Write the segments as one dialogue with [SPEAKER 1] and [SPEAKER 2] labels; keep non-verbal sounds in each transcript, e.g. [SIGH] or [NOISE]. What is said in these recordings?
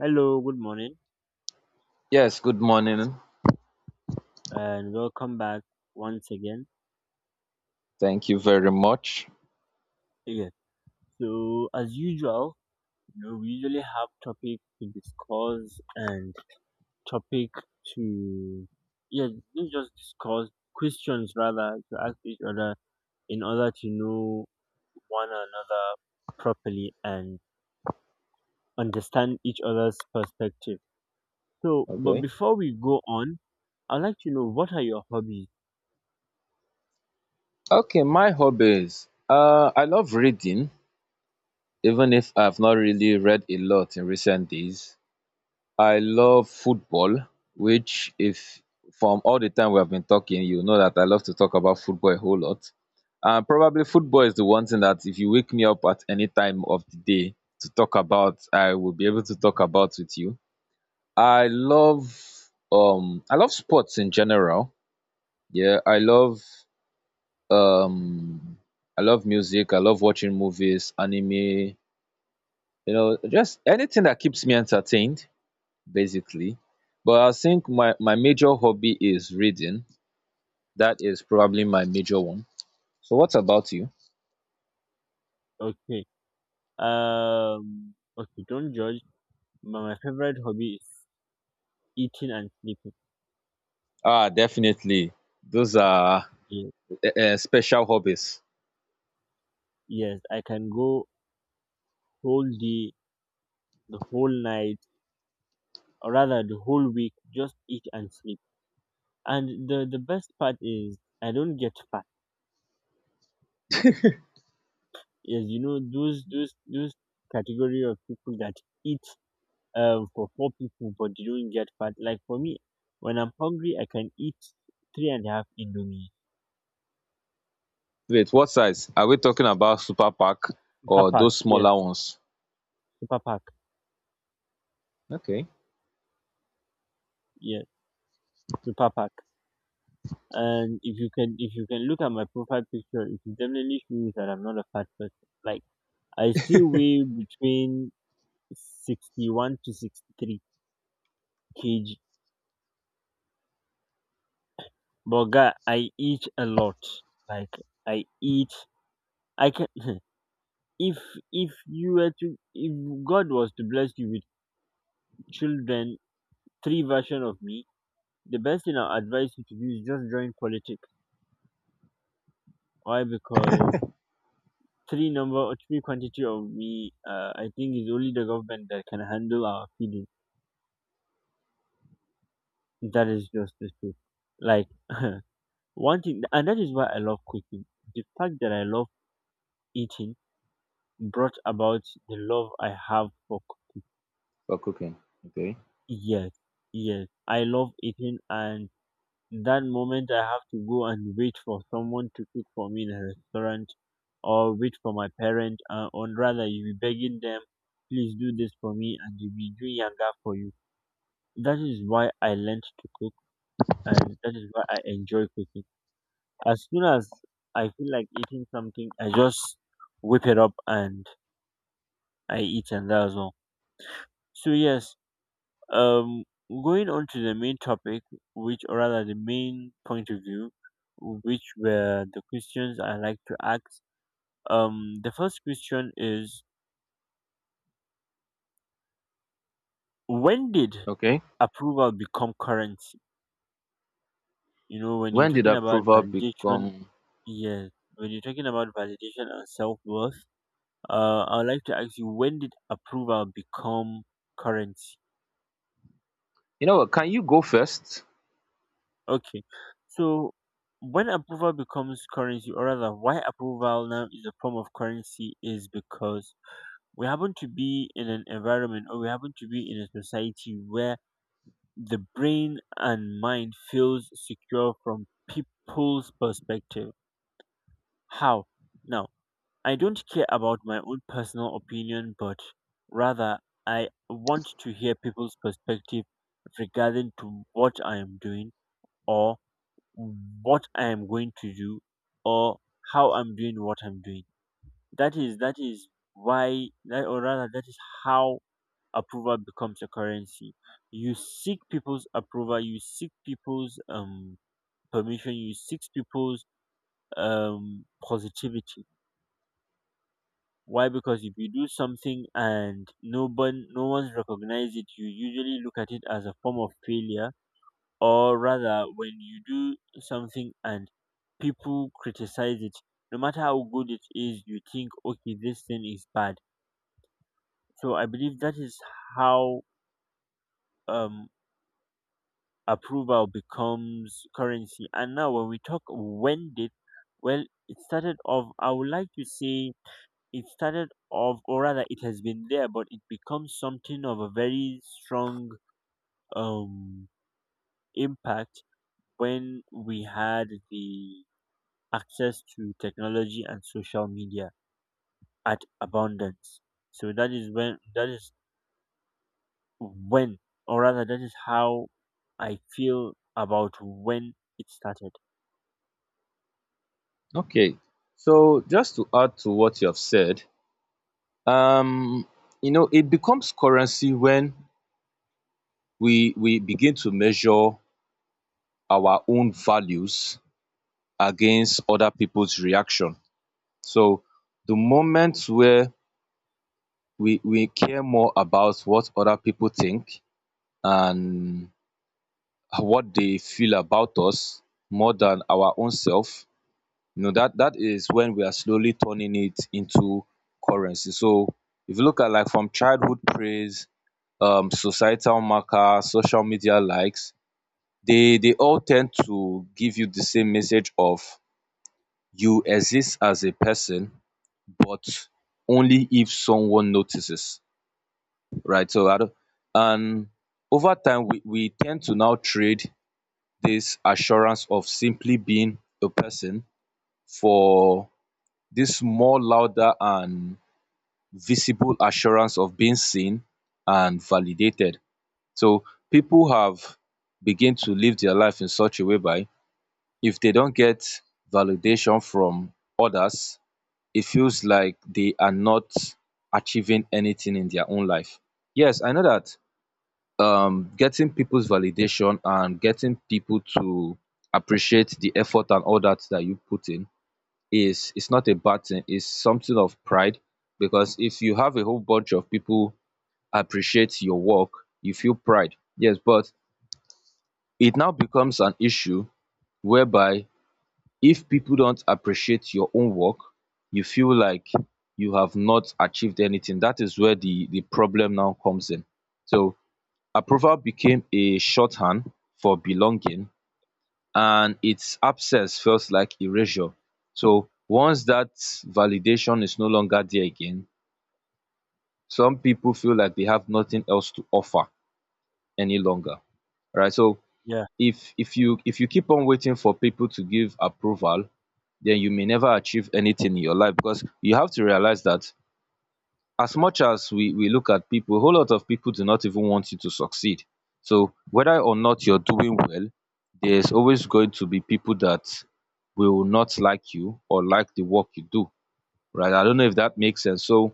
[SPEAKER 1] Hello, good morning,
[SPEAKER 2] Yes, good morning.
[SPEAKER 1] and welcome back once again.
[SPEAKER 2] Thank you very much.
[SPEAKER 1] Yeah. So, as usual, you know, we usually have topic to discuss and topic to, yeah, not just discuss questions rather to ask each other in order to know one another properly and understand each other's perspective. So, but
[SPEAKER 2] Okay.
[SPEAKER 1] before we go on, I'd like to know, what are your hobbies?
[SPEAKER 2] Okay, my hobbies. I love reading, even if I've not really read a lot in recent days. I love football, which, if from all the time we have been talking, you know that I love to talk about football a whole lot. Probably football is the one thing that if you wake me up at any time of the day to talk about, I will be able to talk about with you. I love I love sports in general. Yeah, um I love music, I love watching movies, anime, you know, just anything that keeps me entertained, basically. But I think my major hobby is reading. That is probably my major one. So what about you?
[SPEAKER 1] Okay. Um. Okay, don't judge. My favorite hobby is eating and sleeping.
[SPEAKER 2] Ah, definitely. Those are
[SPEAKER 1] Ye-
[SPEAKER 2] special hobbies.
[SPEAKER 1] Yes, I can go whole day, the whole night, or rather the whole week, just eat and sleep. And the best part is I don't get fat. Yes, you know those category of people that eat for four people but they don't get fat. Like for me, when I'm hungry, I can eat three and a half indomie.
[SPEAKER 2] Wait, what size? Are we talking about super pack
[SPEAKER 1] Super
[SPEAKER 2] or
[SPEAKER 1] pack,
[SPEAKER 2] those
[SPEAKER 1] yes.
[SPEAKER 2] smaller ones?
[SPEAKER 1] Super pack,
[SPEAKER 2] Okay,
[SPEAKER 1] yes. Super pack. And if you can look at my profile picture, it will definitely show you that I'm not a fat person. Like I still weigh between 61 to 63 kg. But guy, I eat a lot. Like I eat. I can. [LAUGHS] If if God was to bless you with children, three version of me, the best thing I'll advise you to do is just join politics. Why? Because three number or three quantity of me, I think is only the government that can handle our feeding. That is just the truth. Like [LAUGHS] one thing, and that is why I love cooking. The fact that I love eating brought about the love I have for cooking.
[SPEAKER 2] for cooking. Okay.
[SPEAKER 1] Yes, yes, I love eating, and that moment I have to go and wait for someone to cook for me in a restaurant, or wait for my parent, or rather, you be begging them, please do this for me, and you be doing yanga for you. That is why I learned to cook and that is why I enjoy cooking. As soon as I feel like eating something, I just whip it up and I eat and that's all. So yes, um going on to the main topic, which or rather the main point of view, which were the questions I like to ask. The first question is, when did
[SPEAKER 2] Okay.
[SPEAKER 1] approval become currency? You know, when you're
[SPEAKER 2] When did
[SPEAKER 1] talking about
[SPEAKER 2] approval
[SPEAKER 1] validation,
[SPEAKER 2] become?
[SPEAKER 1] yes, when you're talking about validation and self worth. I'd like to ask you, when did approval become currency?
[SPEAKER 2] You know what? Can you go first?
[SPEAKER 1] Okay, so when approval becomes currency, or rather, why approval now is a form of currency is because we happen to be in an environment or we happen to be in a society where the brain and mind feels secure from people's perspective. How? Now, I don't care about my own personal opinion, but rather I want to hear people's perspective regarding to what I am doing or what I am going to do or how I'm doing what I'm doing. That is why that, or rather that is how approval becomes a currency. You seek people's approval, you seek people's permission, you seek people's positivity. Why? Because if you do something and no one's recognized it, you usually look at it as a form of failure. Or rather, when you do something and people criticize it, no matter how good it is, you think, okay, this thing is bad. So I believe that is how, um, approval becomes currency. And now, when we talk when did, well, it started off. I would like to say it started off or rather it has been there but it becomes something of a very strong um impact when we had the access to technology and social media at abundance. So that is when when or rather that is how I feel about when it started.
[SPEAKER 2] Okay. So just to add to what you have said, um, you know, it becomes currency when we begin to measure our own values against other people's reaction. So the moment where we care more about what other people think and what they feel about us more than our own self, you know that that is when we are slowly turning it into currency. So if you look at like from childhood praise, societal marker, social media likes, they all tend to give you the same message of you exist as a person, but only if someone notices, right? So I don't, and over time we tend to now trade this assurance of simply being a person for this more louder and visible assurance of being seen and validated. So people have begin to live their life in such a way by if they don't get validation from others, it feels like they are not achieving anything in their own life. Yes, I know that getting people's validation and getting people to appreciate the effort and all that that you put in is it's not a bad thing. It's something of pride because if you have a whole bunch of people appreciate your work, you feel pride, yes, but it now becomes an issue whereby if people don't appreciate your own work, you feel like you have not achieved anything. That is where the problem now comes in. So approval became a shorthand for belonging, and its absence feels like erasure. So once that validation is no longer there again, some people feel like they have nothing else to offer any longer, right? So
[SPEAKER 1] Yeah,
[SPEAKER 2] if you keep on waiting for people to give approval, then you may never achieve anything in your life, because you have to realize that as much as we look at people, a whole lot of people do not even want you to succeed. So whether or not you're doing well, there's always going to be people that will not like you or like the work you do, right? I don't know if that makes sense. So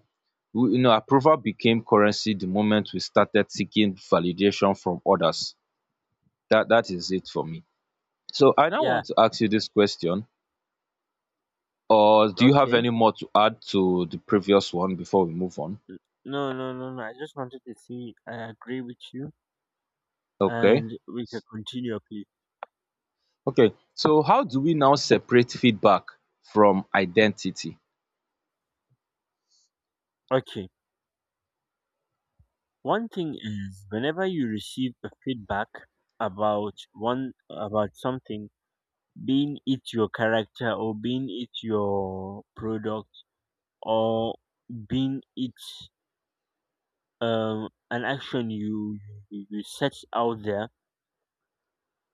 [SPEAKER 2] you know, approval became currency the moment we started seeking validation from others. That that is it for me. So I now
[SPEAKER 1] yeah.
[SPEAKER 2] want to ask you this question, or do you have
[SPEAKER 1] Okay,
[SPEAKER 2] any more to add to the previous one before we move on?
[SPEAKER 1] no, I just wanted to see I agree with you
[SPEAKER 2] Okay.
[SPEAKER 1] and we can continue please.
[SPEAKER 2] Okay. So how do we now separate feedback from identity?
[SPEAKER 1] Okay. One thing is whenever you receive a feedback about one about something, being it your character or being it your product or being it, an action you you set out there,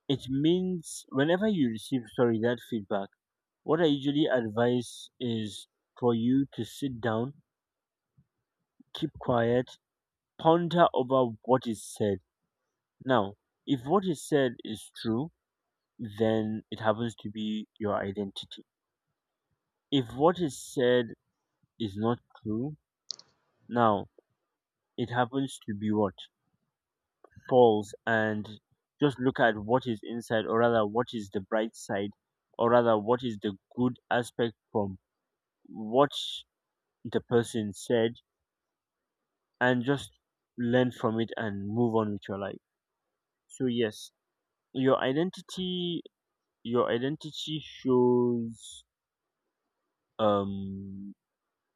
[SPEAKER 1] it means whenever you receive sorry that feedback, what I usually advise is for you to sit down, keep quiet, ponder over what is said. Now, if what is said is true, then it happens to be your identity. If what is said is not true, now it happens to be what? False. And just look at what is inside, or rather, what is the bright side, or rather, what is the good aspect from what the person said, and just learn from it and move on with your life. So, yes, your identity. Your identity shows um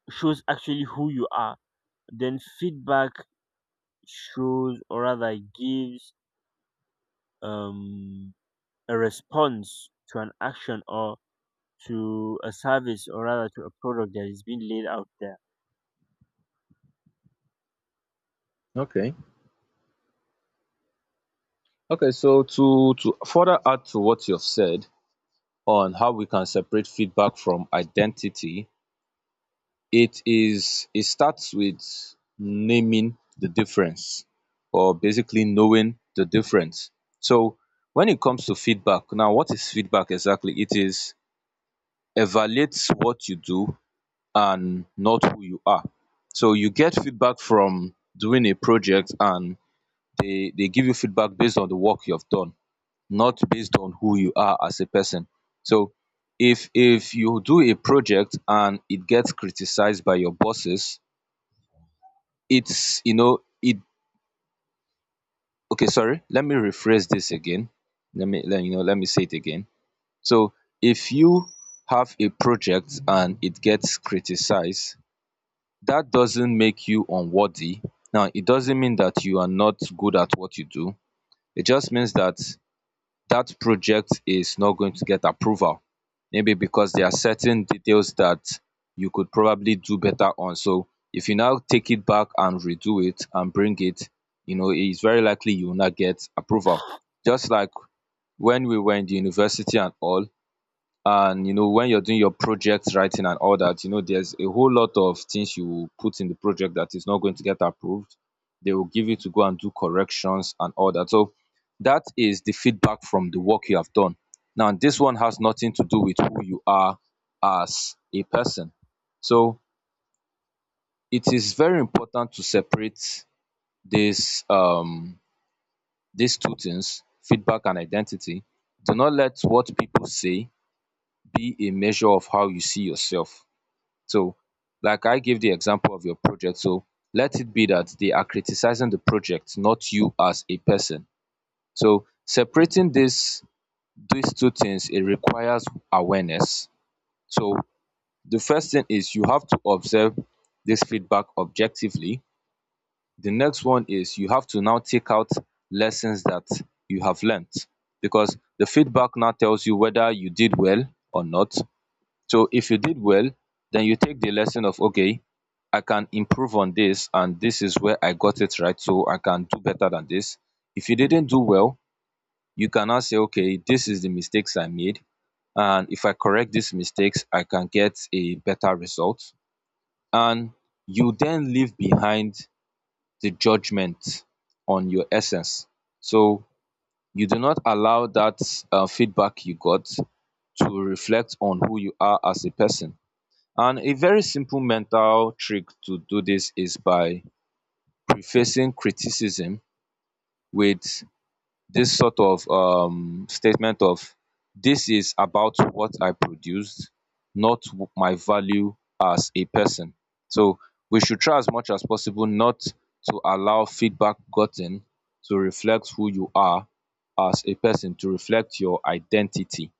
[SPEAKER 1] shows actually who you are, then feedback shows or rather gives, um, a response to an action or to a service or rather to a product that is being laid out there.
[SPEAKER 2] Okay. Okay. So to further add to what you've said on how we can separate feedback from identity, it is it starts with naming the difference, or basically knowing the difference. So when it comes to feedback, now what is feedback exactly? It is evaluates what you do and not who you are. So you get feedback from doing a project and they give you feedback based on the work you have done, not based on who you are as a person. So if you do a project and it gets criticized by your bosses, it's you know it okay sorry let me rephrase this again, let me let you know let me say it again. So if you have a project and it gets criticized, that doesn't make you unworthy. Now it doesn't mean that you are not good at what you do. It just means that that project is not going to get approval, maybe because there are certain details that you could probably do better on. So if you now take it back and redo it and bring it, you know, it's very likely you will not get approval. Just like when we were in the university and all, and you know when you're doing your project writing and all that, you know there's a whole lot of things you will put in the project that is not going to get approved. They will give you to go and do corrections and all that. So that is the feedback from the work you have done. Now this one has nothing to do with who you are as a person. So it is very important to separate this these two things, feedback and identity. Do not let what people say be a measure of how you see yourself. So, like I gave the example of your project, so let it be that they are criticizing the project, not you as a person. So, separating this these two things, it requires awareness. So, the first thing is you have to observe this feedback objectively. The next one is you have to now take out lessons that you have learnt, because the feedback now tells you whether you did well or not. So if you did well, then you take the lesson of okay, I can improve on this, and this is where I got it right, so I can do better than this. If you didn't do well, you can now say okay, this is the mistakes I made, and if I correct these mistakes I can get a better result. And you then leave behind the judgment on your essence. So you do not allow that feedback you got to reflect on who you are as a person. And a very simple mental trick to do this is by prefacing criticism with this sort of statement of this is about what I produced, not my value as a person. So we should try as much as possible not to allow feedback gotten to reflect who you are as a person, to reflect your identity.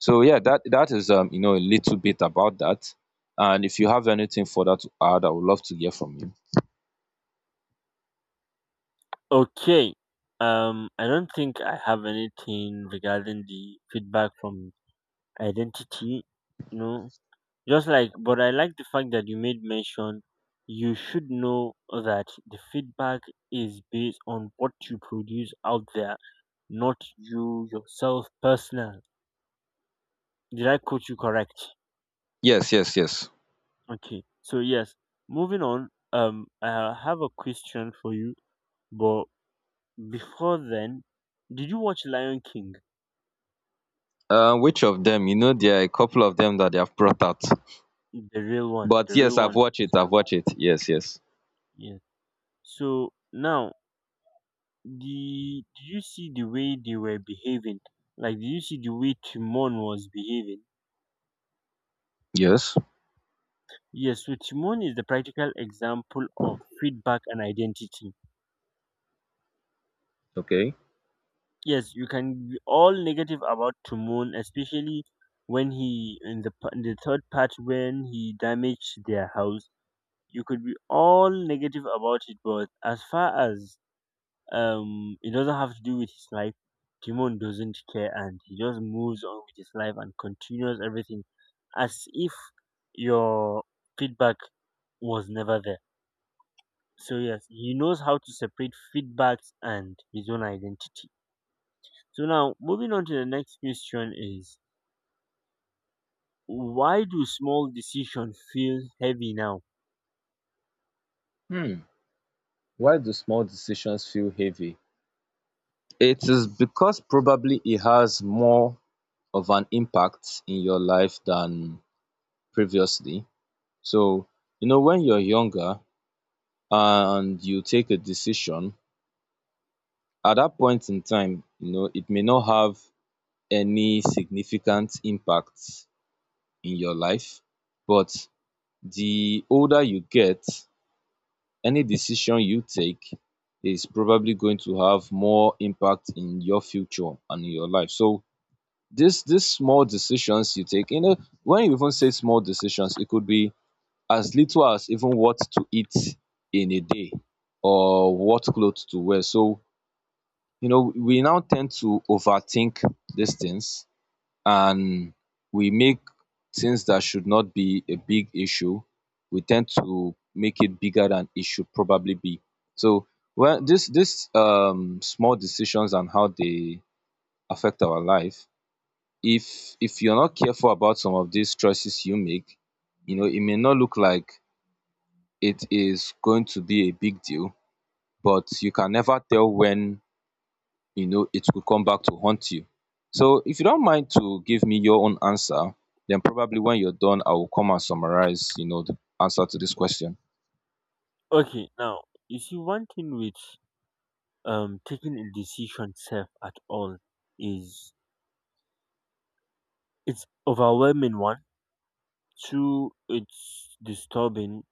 [SPEAKER 2] So yeah, that that is you know, a little bit about that. And if you have anything further to add, I would love to hear from you.
[SPEAKER 1] Okay, I don't think I have anything regarding the feedback from identity, you know. Just like, but I like the fact that you made mention. You should know that the feedback is based on what you produce out there, not you yourself personal. Did I quote you correct?
[SPEAKER 2] Yes, yes, yes.
[SPEAKER 1] Okay. So yes, moving on. I have a question for you, but before then, did you watch Lion King,
[SPEAKER 2] Which of them? You know, there are a couple of them that they have brought out.
[SPEAKER 1] the real one?
[SPEAKER 2] But
[SPEAKER 1] The
[SPEAKER 2] yes,
[SPEAKER 1] real
[SPEAKER 2] I've
[SPEAKER 1] one.
[SPEAKER 2] watched it. I've watched it. Yes, yes.
[SPEAKER 1] Yes. So now the did you see the way they were behaving? Like did you see the way Timon was behaving?
[SPEAKER 2] Yes.
[SPEAKER 1] Yes, so Timon is the practical example of feedback and identity.
[SPEAKER 2] Okay.
[SPEAKER 1] Yes, you can be all negative about Timon, especially when he in in the third part when he damaged their house. You could be all negative about it, but as far as, it doesn't have to do with his life. Timon doesn't care and he just moves on with his life and continues everything as if your feedback was never there. So yes, he knows how to separate feedbacks and his own identity. So now moving on to the next question is, why do small decisions feel heavy now?
[SPEAKER 2] Hmm. Why do small decisions feel heavy? It is because probably it has more of an impact in your life than previously. So you know when you're younger and you take a decision, at that point in time you know it may not have any significant impact in your life. But the older you get, any decision you take is probably going to have more impact in your future and in your life. So this small decisions you take, you know, when you even say small decisions, it could be as little as even what to eat in a day or what clothes to wear. So you know, we now tend to overthink these things, and we make things that should not be a big issue, we tend to make it bigger than it should probably be. So, well, this small decisions and how they affect our life, if you're not careful about some of these choices you make, it may not look like it is going to be a big deal, but you can never tell when it could come back to haunt you. So if you don't mind to give me your own answer, then probably when you're done I will come and summarize the answer to this question.
[SPEAKER 1] Okay, now you see one thing with taking a decision self at all is, it's overwhelming. One, two, it's disturbing.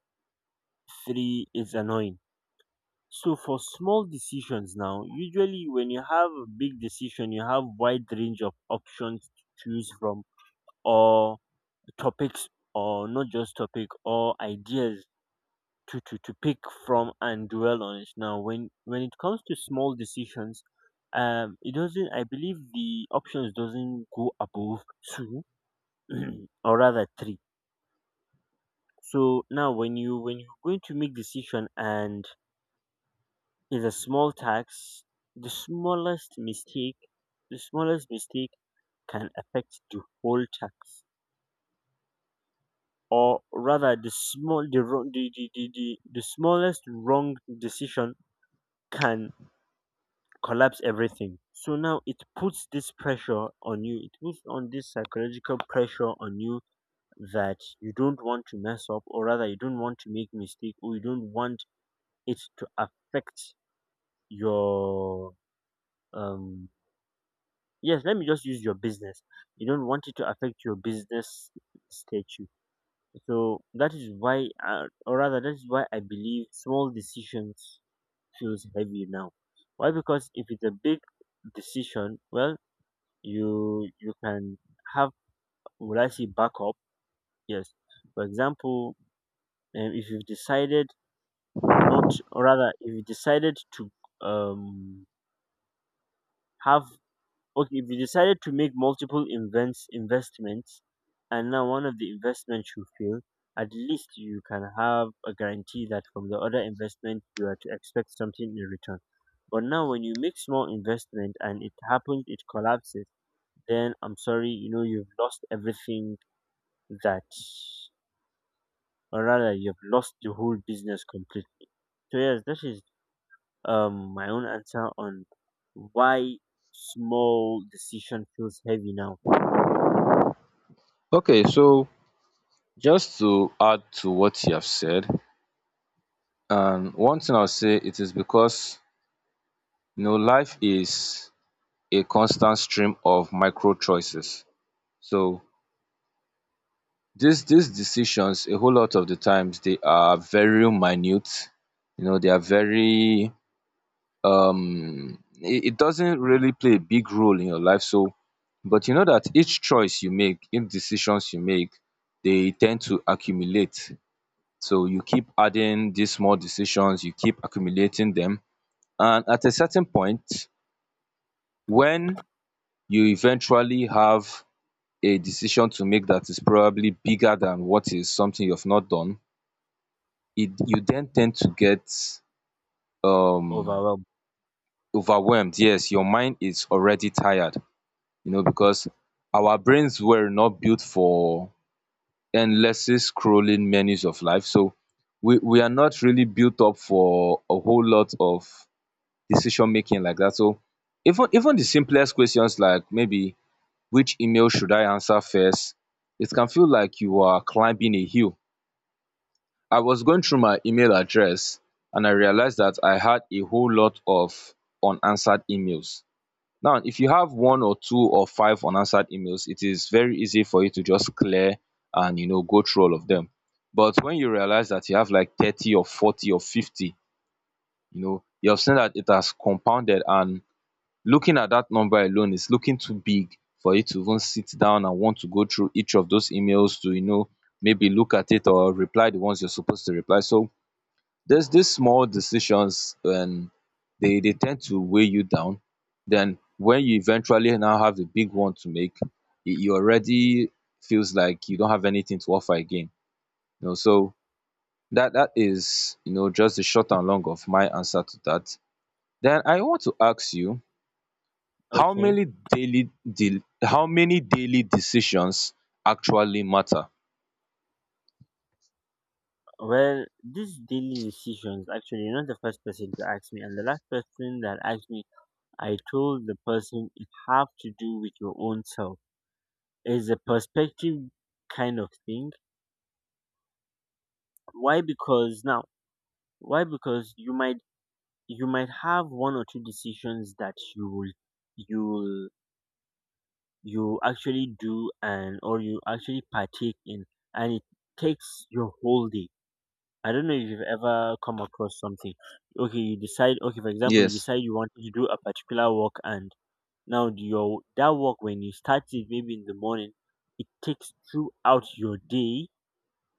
[SPEAKER 1] Three, it's annoying. So for small decisions now, usually when you have a big decision, you have wide range of options to choose from or topics or not just topic or ideas to pick from and dwell on it. Now when it comes to small decisions, it doesn't, I believe the options doesn't go above two [CLEARS THROAT] or rather three. So now when you're going to make decision and it's a small tax, the smallest mistake the smallest mistake can affect the whole tax. Or rather the wrong the smallest wrong decision can collapse everything. So now it puts this pressure on you. It puts on this psychological pressure on you that you don't want to mess up or rather you don't want to make mistake or you don't want it to affect your, um yes let me just use your business, you don't want it to affect your business statue. So that is why, or rather that is why I believe small decisions feels heavy now. Why? Because if it's a big decision, well, you can have, would I say, backup? Yes. For example, if you've decided not or rather if you decided to um have, okay, if you decided to make multiple invents investments and now one of the investments you fail, at least you can have a guarantee that from the other investment you are to expect something in return. But now when you make small investment and it happens it collapses, then I'm sorry, you know you've lost everything that or rather you've lost the whole business completely. So yes, that is my own answer on why small decision feels heavy now.
[SPEAKER 2] Okay, so just to add to what you have said, and one thing I'll say it is because life is a constant stream of micro choices. So these decisions, a whole lot of the times, they are very minute. You know they are very It doesn't really play a big role in your life, so but you know that each choice you make, each decisions you make, they tend to accumulate. So you keep adding these small decisions, you keep accumulating them, and at a certain point, when you eventually have a decision to make that is probably bigger than what is something you've not done, it, you then tend to get um
[SPEAKER 1] Overwhelming.
[SPEAKER 2] overwhelmed. Yes, your mind is already tired, because our brains were not built for endlessly scrolling menus of life. So we are not really built up for a whole lot of decision making like that. So even the simplest questions, like maybe which email should I answer first, it can feel like you are climbing a hill. I was going through my email address and I realized that I had a whole lot of unanswered emails. Now if you have one or two or five unanswered emails, it is very easy for you to just clear and go through all of them. But when you realize that you have like 30 or 40 or 50, you have seen that it has compounded, and looking at that number alone is looking too big for you to even sit down and want to go through each of those emails to maybe look at it or reply the ones you're supposed to reply. So there's these small decisions, and they tend to weigh you down. Then when you eventually now have the big one to make, you already feels like you don't have anything to offer again. So that is just the short and long of my answer to that. Then I want to ask you,
[SPEAKER 1] Okay.
[SPEAKER 2] how many daily decisions actually matter?
[SPEAKER 1] Well, these daily decisions, actually, you're not the first person to ask me. And the last person that asked me, I told the person it have to do with your own self. It's a perspective kind of thing. Why? Because now, why? Because you might have one or two decisions that you will you actually do and or you actually partake in, and it takes your whole day. I don't know if you've ever come across something. Okay, you decide. Okay, for example, you
[SPEAKER 2] Yes.
[SPEAKER 1] decide you want to do a particular work, and now your that work when you start it maybe in the morning, it takes throughout your day.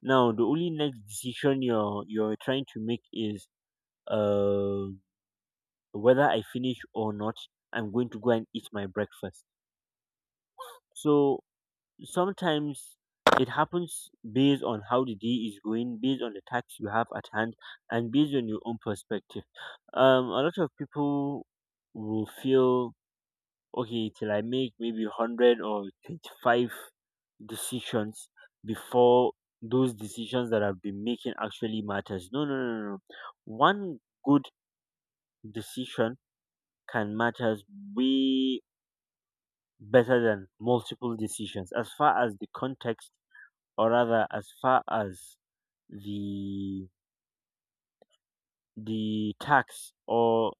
[SPEAKER 1] Now the only next decision you're trying to make is, uh whether I finish or not, I'm going to go and eat my breakfast. So sometimes it happens based on how the day is going, based on the tax you have at hand, and based on your own perspective. A lot of people will feel okay till I make maybe 100 or 25 decisions before those decisions that I've been making actually matters. No, no, no, no, no. One good decision can matters way better than multiple decisions as far as the context, or rather as far as the tax or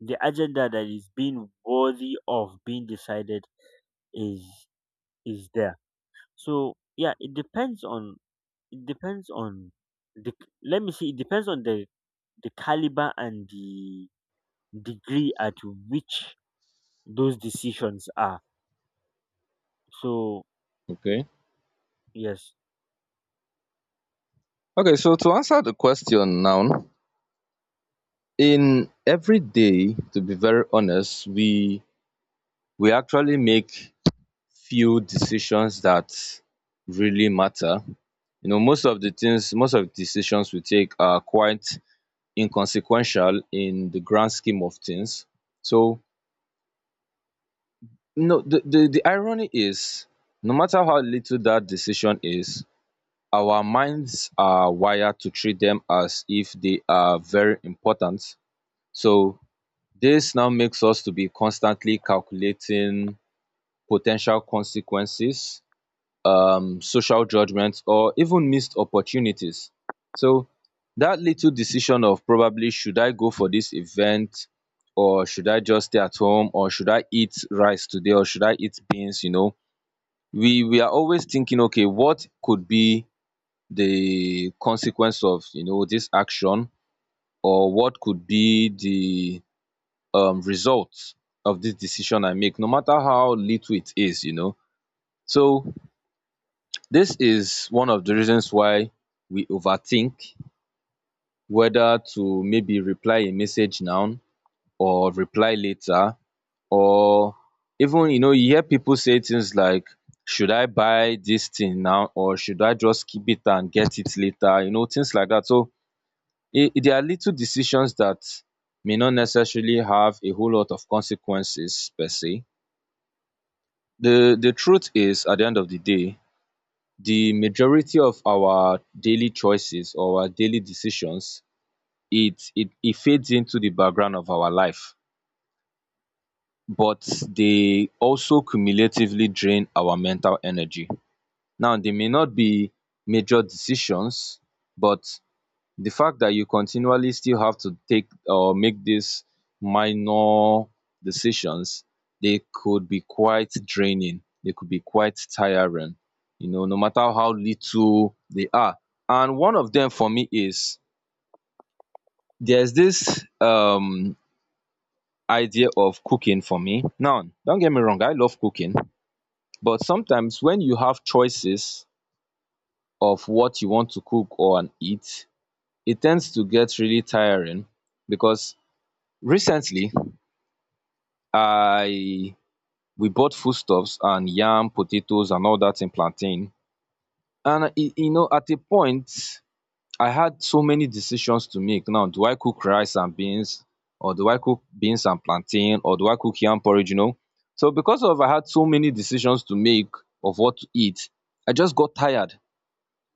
[SPEAKER 1] the agenda that is being worthy of being decided is there. So yeah, it depends on the let me see, it depends on the caliber and the degree at which those decisions are. So
[SPEAKER 2] Okay.
[SPEAKER 1] yes.
[SPEAKER 2] Okay, so to answer the question now, in every day to be very honest, we actually make few decisions that really matter. Most of the decisions we take are quite inconsequential in the grand scheme of things. So no, the irony is, no matter how little that decision is, our minds are wired to treat them as if they are very important. So this now makes us to be constantly calculating potential consequences, social judgments, or even missed opportunities. So that little decision of probably should I go for this event, or should I just stay at home, or should I eat rice today, or should I eat beans, you know, we are always thinking, okay, what could be the consequence of, this action, or what could be the result of this decision I make, no matter how little it is. So this is one of the reasons why we overthink whether to maybe reply a message now or reply later, or even you hear people say things like, should I buy this thing now or should I just keep it and get it later, things like that. So there are little decisions that may not necessarily have a whole lot of consequences per se. the truth is, at the end of the day, the majority of our daily choices or our daily decisions, it fades into the background of our life, but they also cumulatively drain our mental energy. Now they may not be major decisions, but the fact that you continually still have to take or make these minor decisions, they could be quite draining, they could be quite tiring, you know, no matter how little they are. And one of them for me is, there's this idea of cooking. For me now, don't get me wrong, I love cooking, but sometimes when you have choices of what you want to cook or and eat, it tends to get really tiring because recently, I we bought foodstuffs and yam, potatoes and all that, in plantain. And at a point, I had so many decisions to make. Now, do I cook rice and beans, or do I cook beans and plantain, or do I cook yam porridge, you know? So because of I had so many decisions to make of what to eat, I just got tired.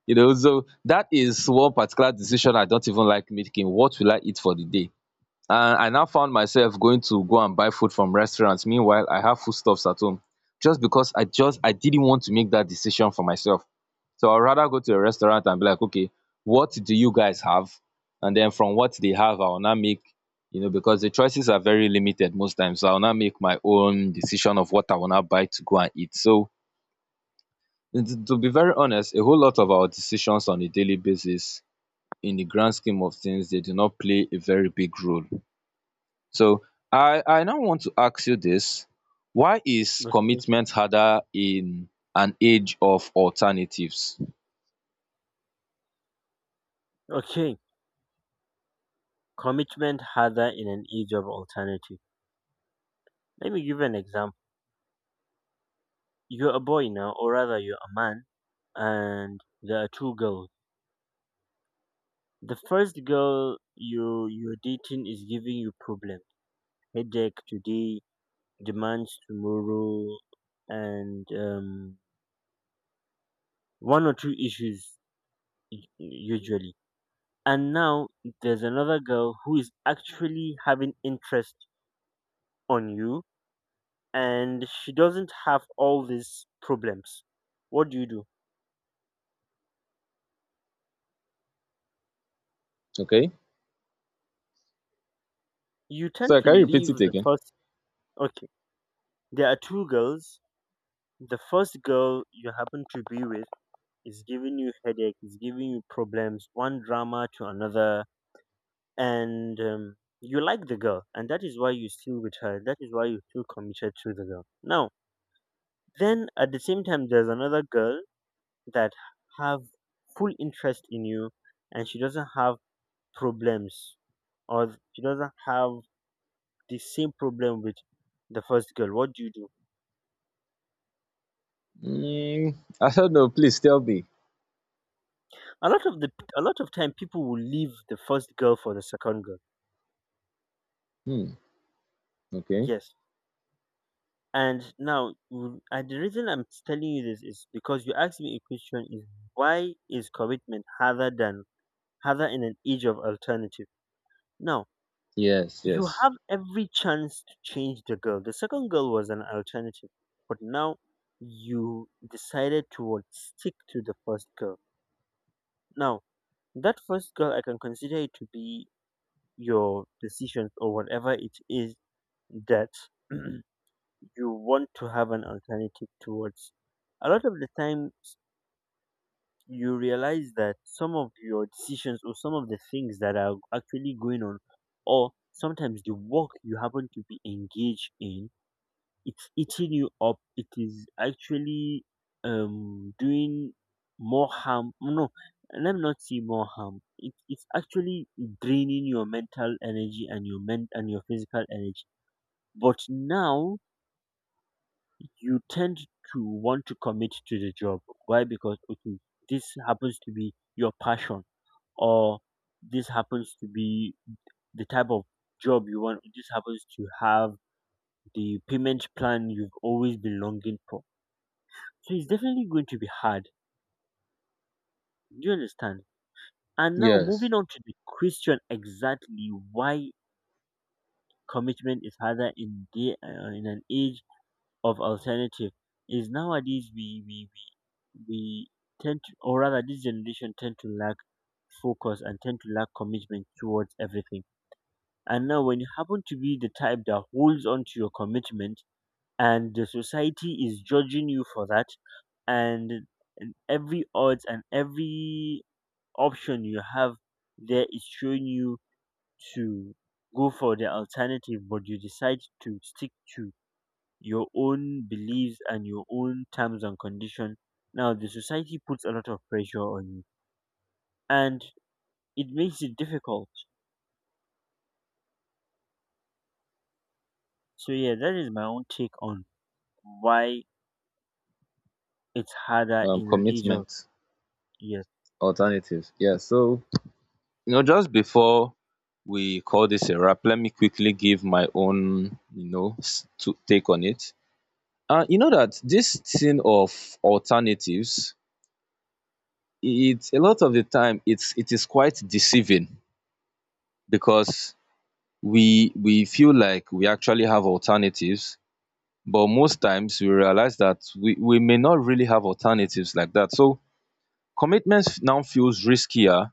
[SPEAKER 2] So that is one particular decision I don't even like making: what will I eat for the day? And I now found myself going to go and buy food from restaurants. Meanwhile, I have foodstuffs at home, just because I just I didn't want to make that decision for myself. So I'd rather go to a restaurant and be like, okay, what do you guys have? And then from what they have, I'll now make, you know, because the choices are very limited most times, so I'll now make my own decision of what I want to buy to go and eat. So, and to be very honest, a whole lot of our decisions on a daily basis, in the grand scheme of things, they do not play a very big role. So I now want to ask you this: why is
[SPEAKER 1] Okay.
[SPEAKER 2] commitment harder in an age of alternatives?
[SPEAKER 1] Okay, commitment harder in an age of alternative, let me give you an example. You're a boy now, or rather, you're a man, and there are two girls. The first girl you're dating is giving you problems, headache today, demands tomorrow, and one or two issues usually. And now there's another girl who is actually having interest on you, and she doesn't have all these problems. What do?
[SPEAKER 2] Okay.
[SPEAKER 1] You tend
[SPEAKER 2] So
[SPEAKER 1] to
[SPEAKER 2] can you repeat it
[SPEAKER 1] leave the
[SPEAKER 2] again?
[SPEAKER 1] first. Okay, there are two girls. The first girl you happen to be with is giving you headache, is giving you problems, one drama to another, and you like the girl, and that is why you still with her. That is why you feel committed to the girl. Now, then at the same time, there's another girl that have full interest in you, and she doesn't have problems, or she doesn't have the same problem with the first girl. What do you do?
[SPEAKER 2] Mm, I don't know. Please tell me.
[SPEAKER 1] A lot of the a lot of time, people will leave the first girl for the second girl.
[SPEAKER 2] Hmm. Okay.
[SPEAKER 1] Yes. And now, and the reason I'm telling you this is because you asked me a question: is why is commitment harder in an age of alternative? Now,
[SPEAKER 2] Yes.
[SPEAKER 1] you
[SPEAKER 2] Yes.
[SPEAKER 1] have every chance to change the girl. The second girl was an alternative, but now you decided to what, stick to the first girl. Now, that first girl, I can consider it to be your decision or whatever it is that [CLEARS THROAT] you want to have an alternative towards. A lot of the time you realize that some of your decisions or some of the things that are actually going on, or sometimes the work you happen to be engaged in, it's eating you up. It is actually doing more harm. No, let me not say more harm, it's actually draining your mental energy and your men and your physical energy. But now you tend to want to commit to the job. Why? Because okay, this happens to be your passion, or this happens to be the type of job you want. This happens to have the payment plan you've always been longing for. So it's definitely going to be hard. Do you understand? And now
[SPEAKER 2] Yes.
[SPEAKER 1] moving on to the question exactly why commitment is harder in the in an age of alternative is nowadays we tend to, or rather this generation tend to lack focus and tend to lack commitment towards everything. And now when you happen to be the type that holds on to your commitment and the society is judging you for that, and, and every odds and every option you have there is showing you to go for the alternative, but you decide to stick to your own beliefs and your own terms and conditions. Now the society puts a lot of pressure on you and it makes it difficult. So yeah, that is my own take on why it's harder in an age of,
[SPEAKER 2] Commitment.
[SPEAKER 1] yeah.
[SPEAKER 2] Alternatives. Yes. So, just before we call this a wrap, let me quickly give my own, to take on it. You know that this thing of alternatives, it's a lot of the time, it is quite deceiving because we feel like we actually have alternatives, but most times we realize that we may not really have alternatives like that. So commitment now feels riskier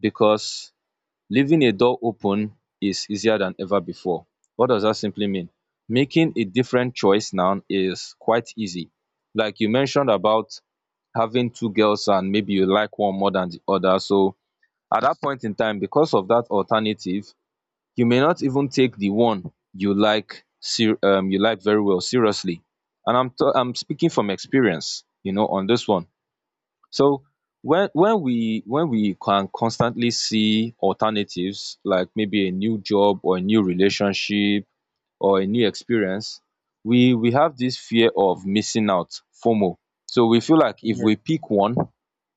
[SPEAKER 2] because leaving a door open is easier than ever before. What does that simply mean? Making a different choice now is quite easy, like you mentioned about having two girls, and maybe you like one more than the other. So at dat point in time, because of dat alternative, you may not even take the one you like very well seriously. And I'm speaking from experience, you know, on this one. So when we can constantly see alternatives like maybe a new job or a new relationship or a new experience, we have this fear of missing out, fomo. So we feel like if
[SPEAKER 1] Yeah.
[SPEAKER 2] we pick one,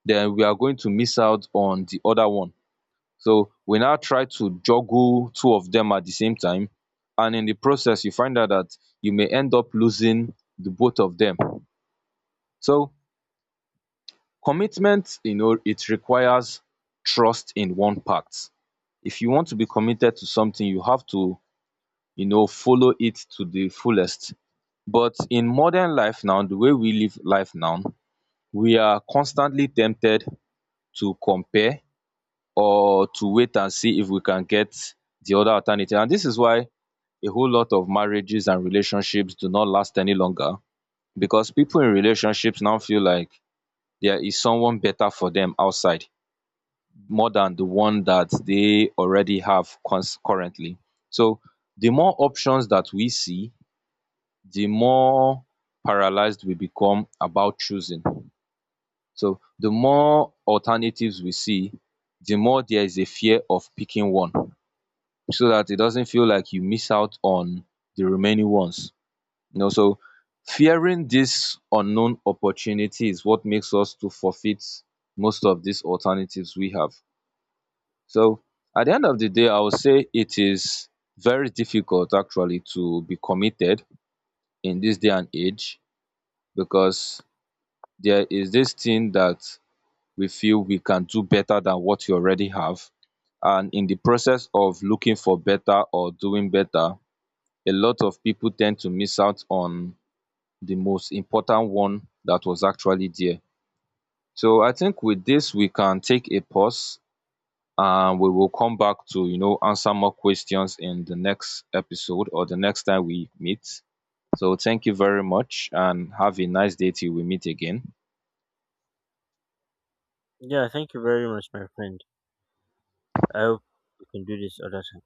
[SPEAKER 2] then we are going to miss out on the other one. So we now try to juggle two of them at the same time. And in the process, you find out that you may end up losing the both of them. So commitment, it requires trust in one part. If you want to be committed to something, you have to, follow it to the fullest. But in modern life now, the way we live life now, we are constantly tempted to compare, or to wait and see if we can get the other alternative. And this is why a whole lot of marriages and relationships do not last any longer, because people in relationships now feel like there is someone better for them outside, more than the one that they already have currently. So the more options that we see, the more paralyzed we become about choosing. So the more alternatives we see, the more there is a fear of picking one so that it doesn't feel like you miss out on the remaining ones. So fearing this unknown opportunity is what makes us to forfeit most of these alternatives we have. So at the end of the day, I would say it is very difficult actually to be committed in this day and age, because there is this thing that we feel we can do better than what you already have. And in the process of looking for better or doing better, a lot of people tend to miss out on the most important one that was actually there. So I think with this, we can take a pause, and we will come back to, answer more questions in the next episode or the next time we meet. So thank you very much and have a nice day till we meet again.
[SPEAKER 1] Yeah, thank you very much my friend. I hope we can do this other time.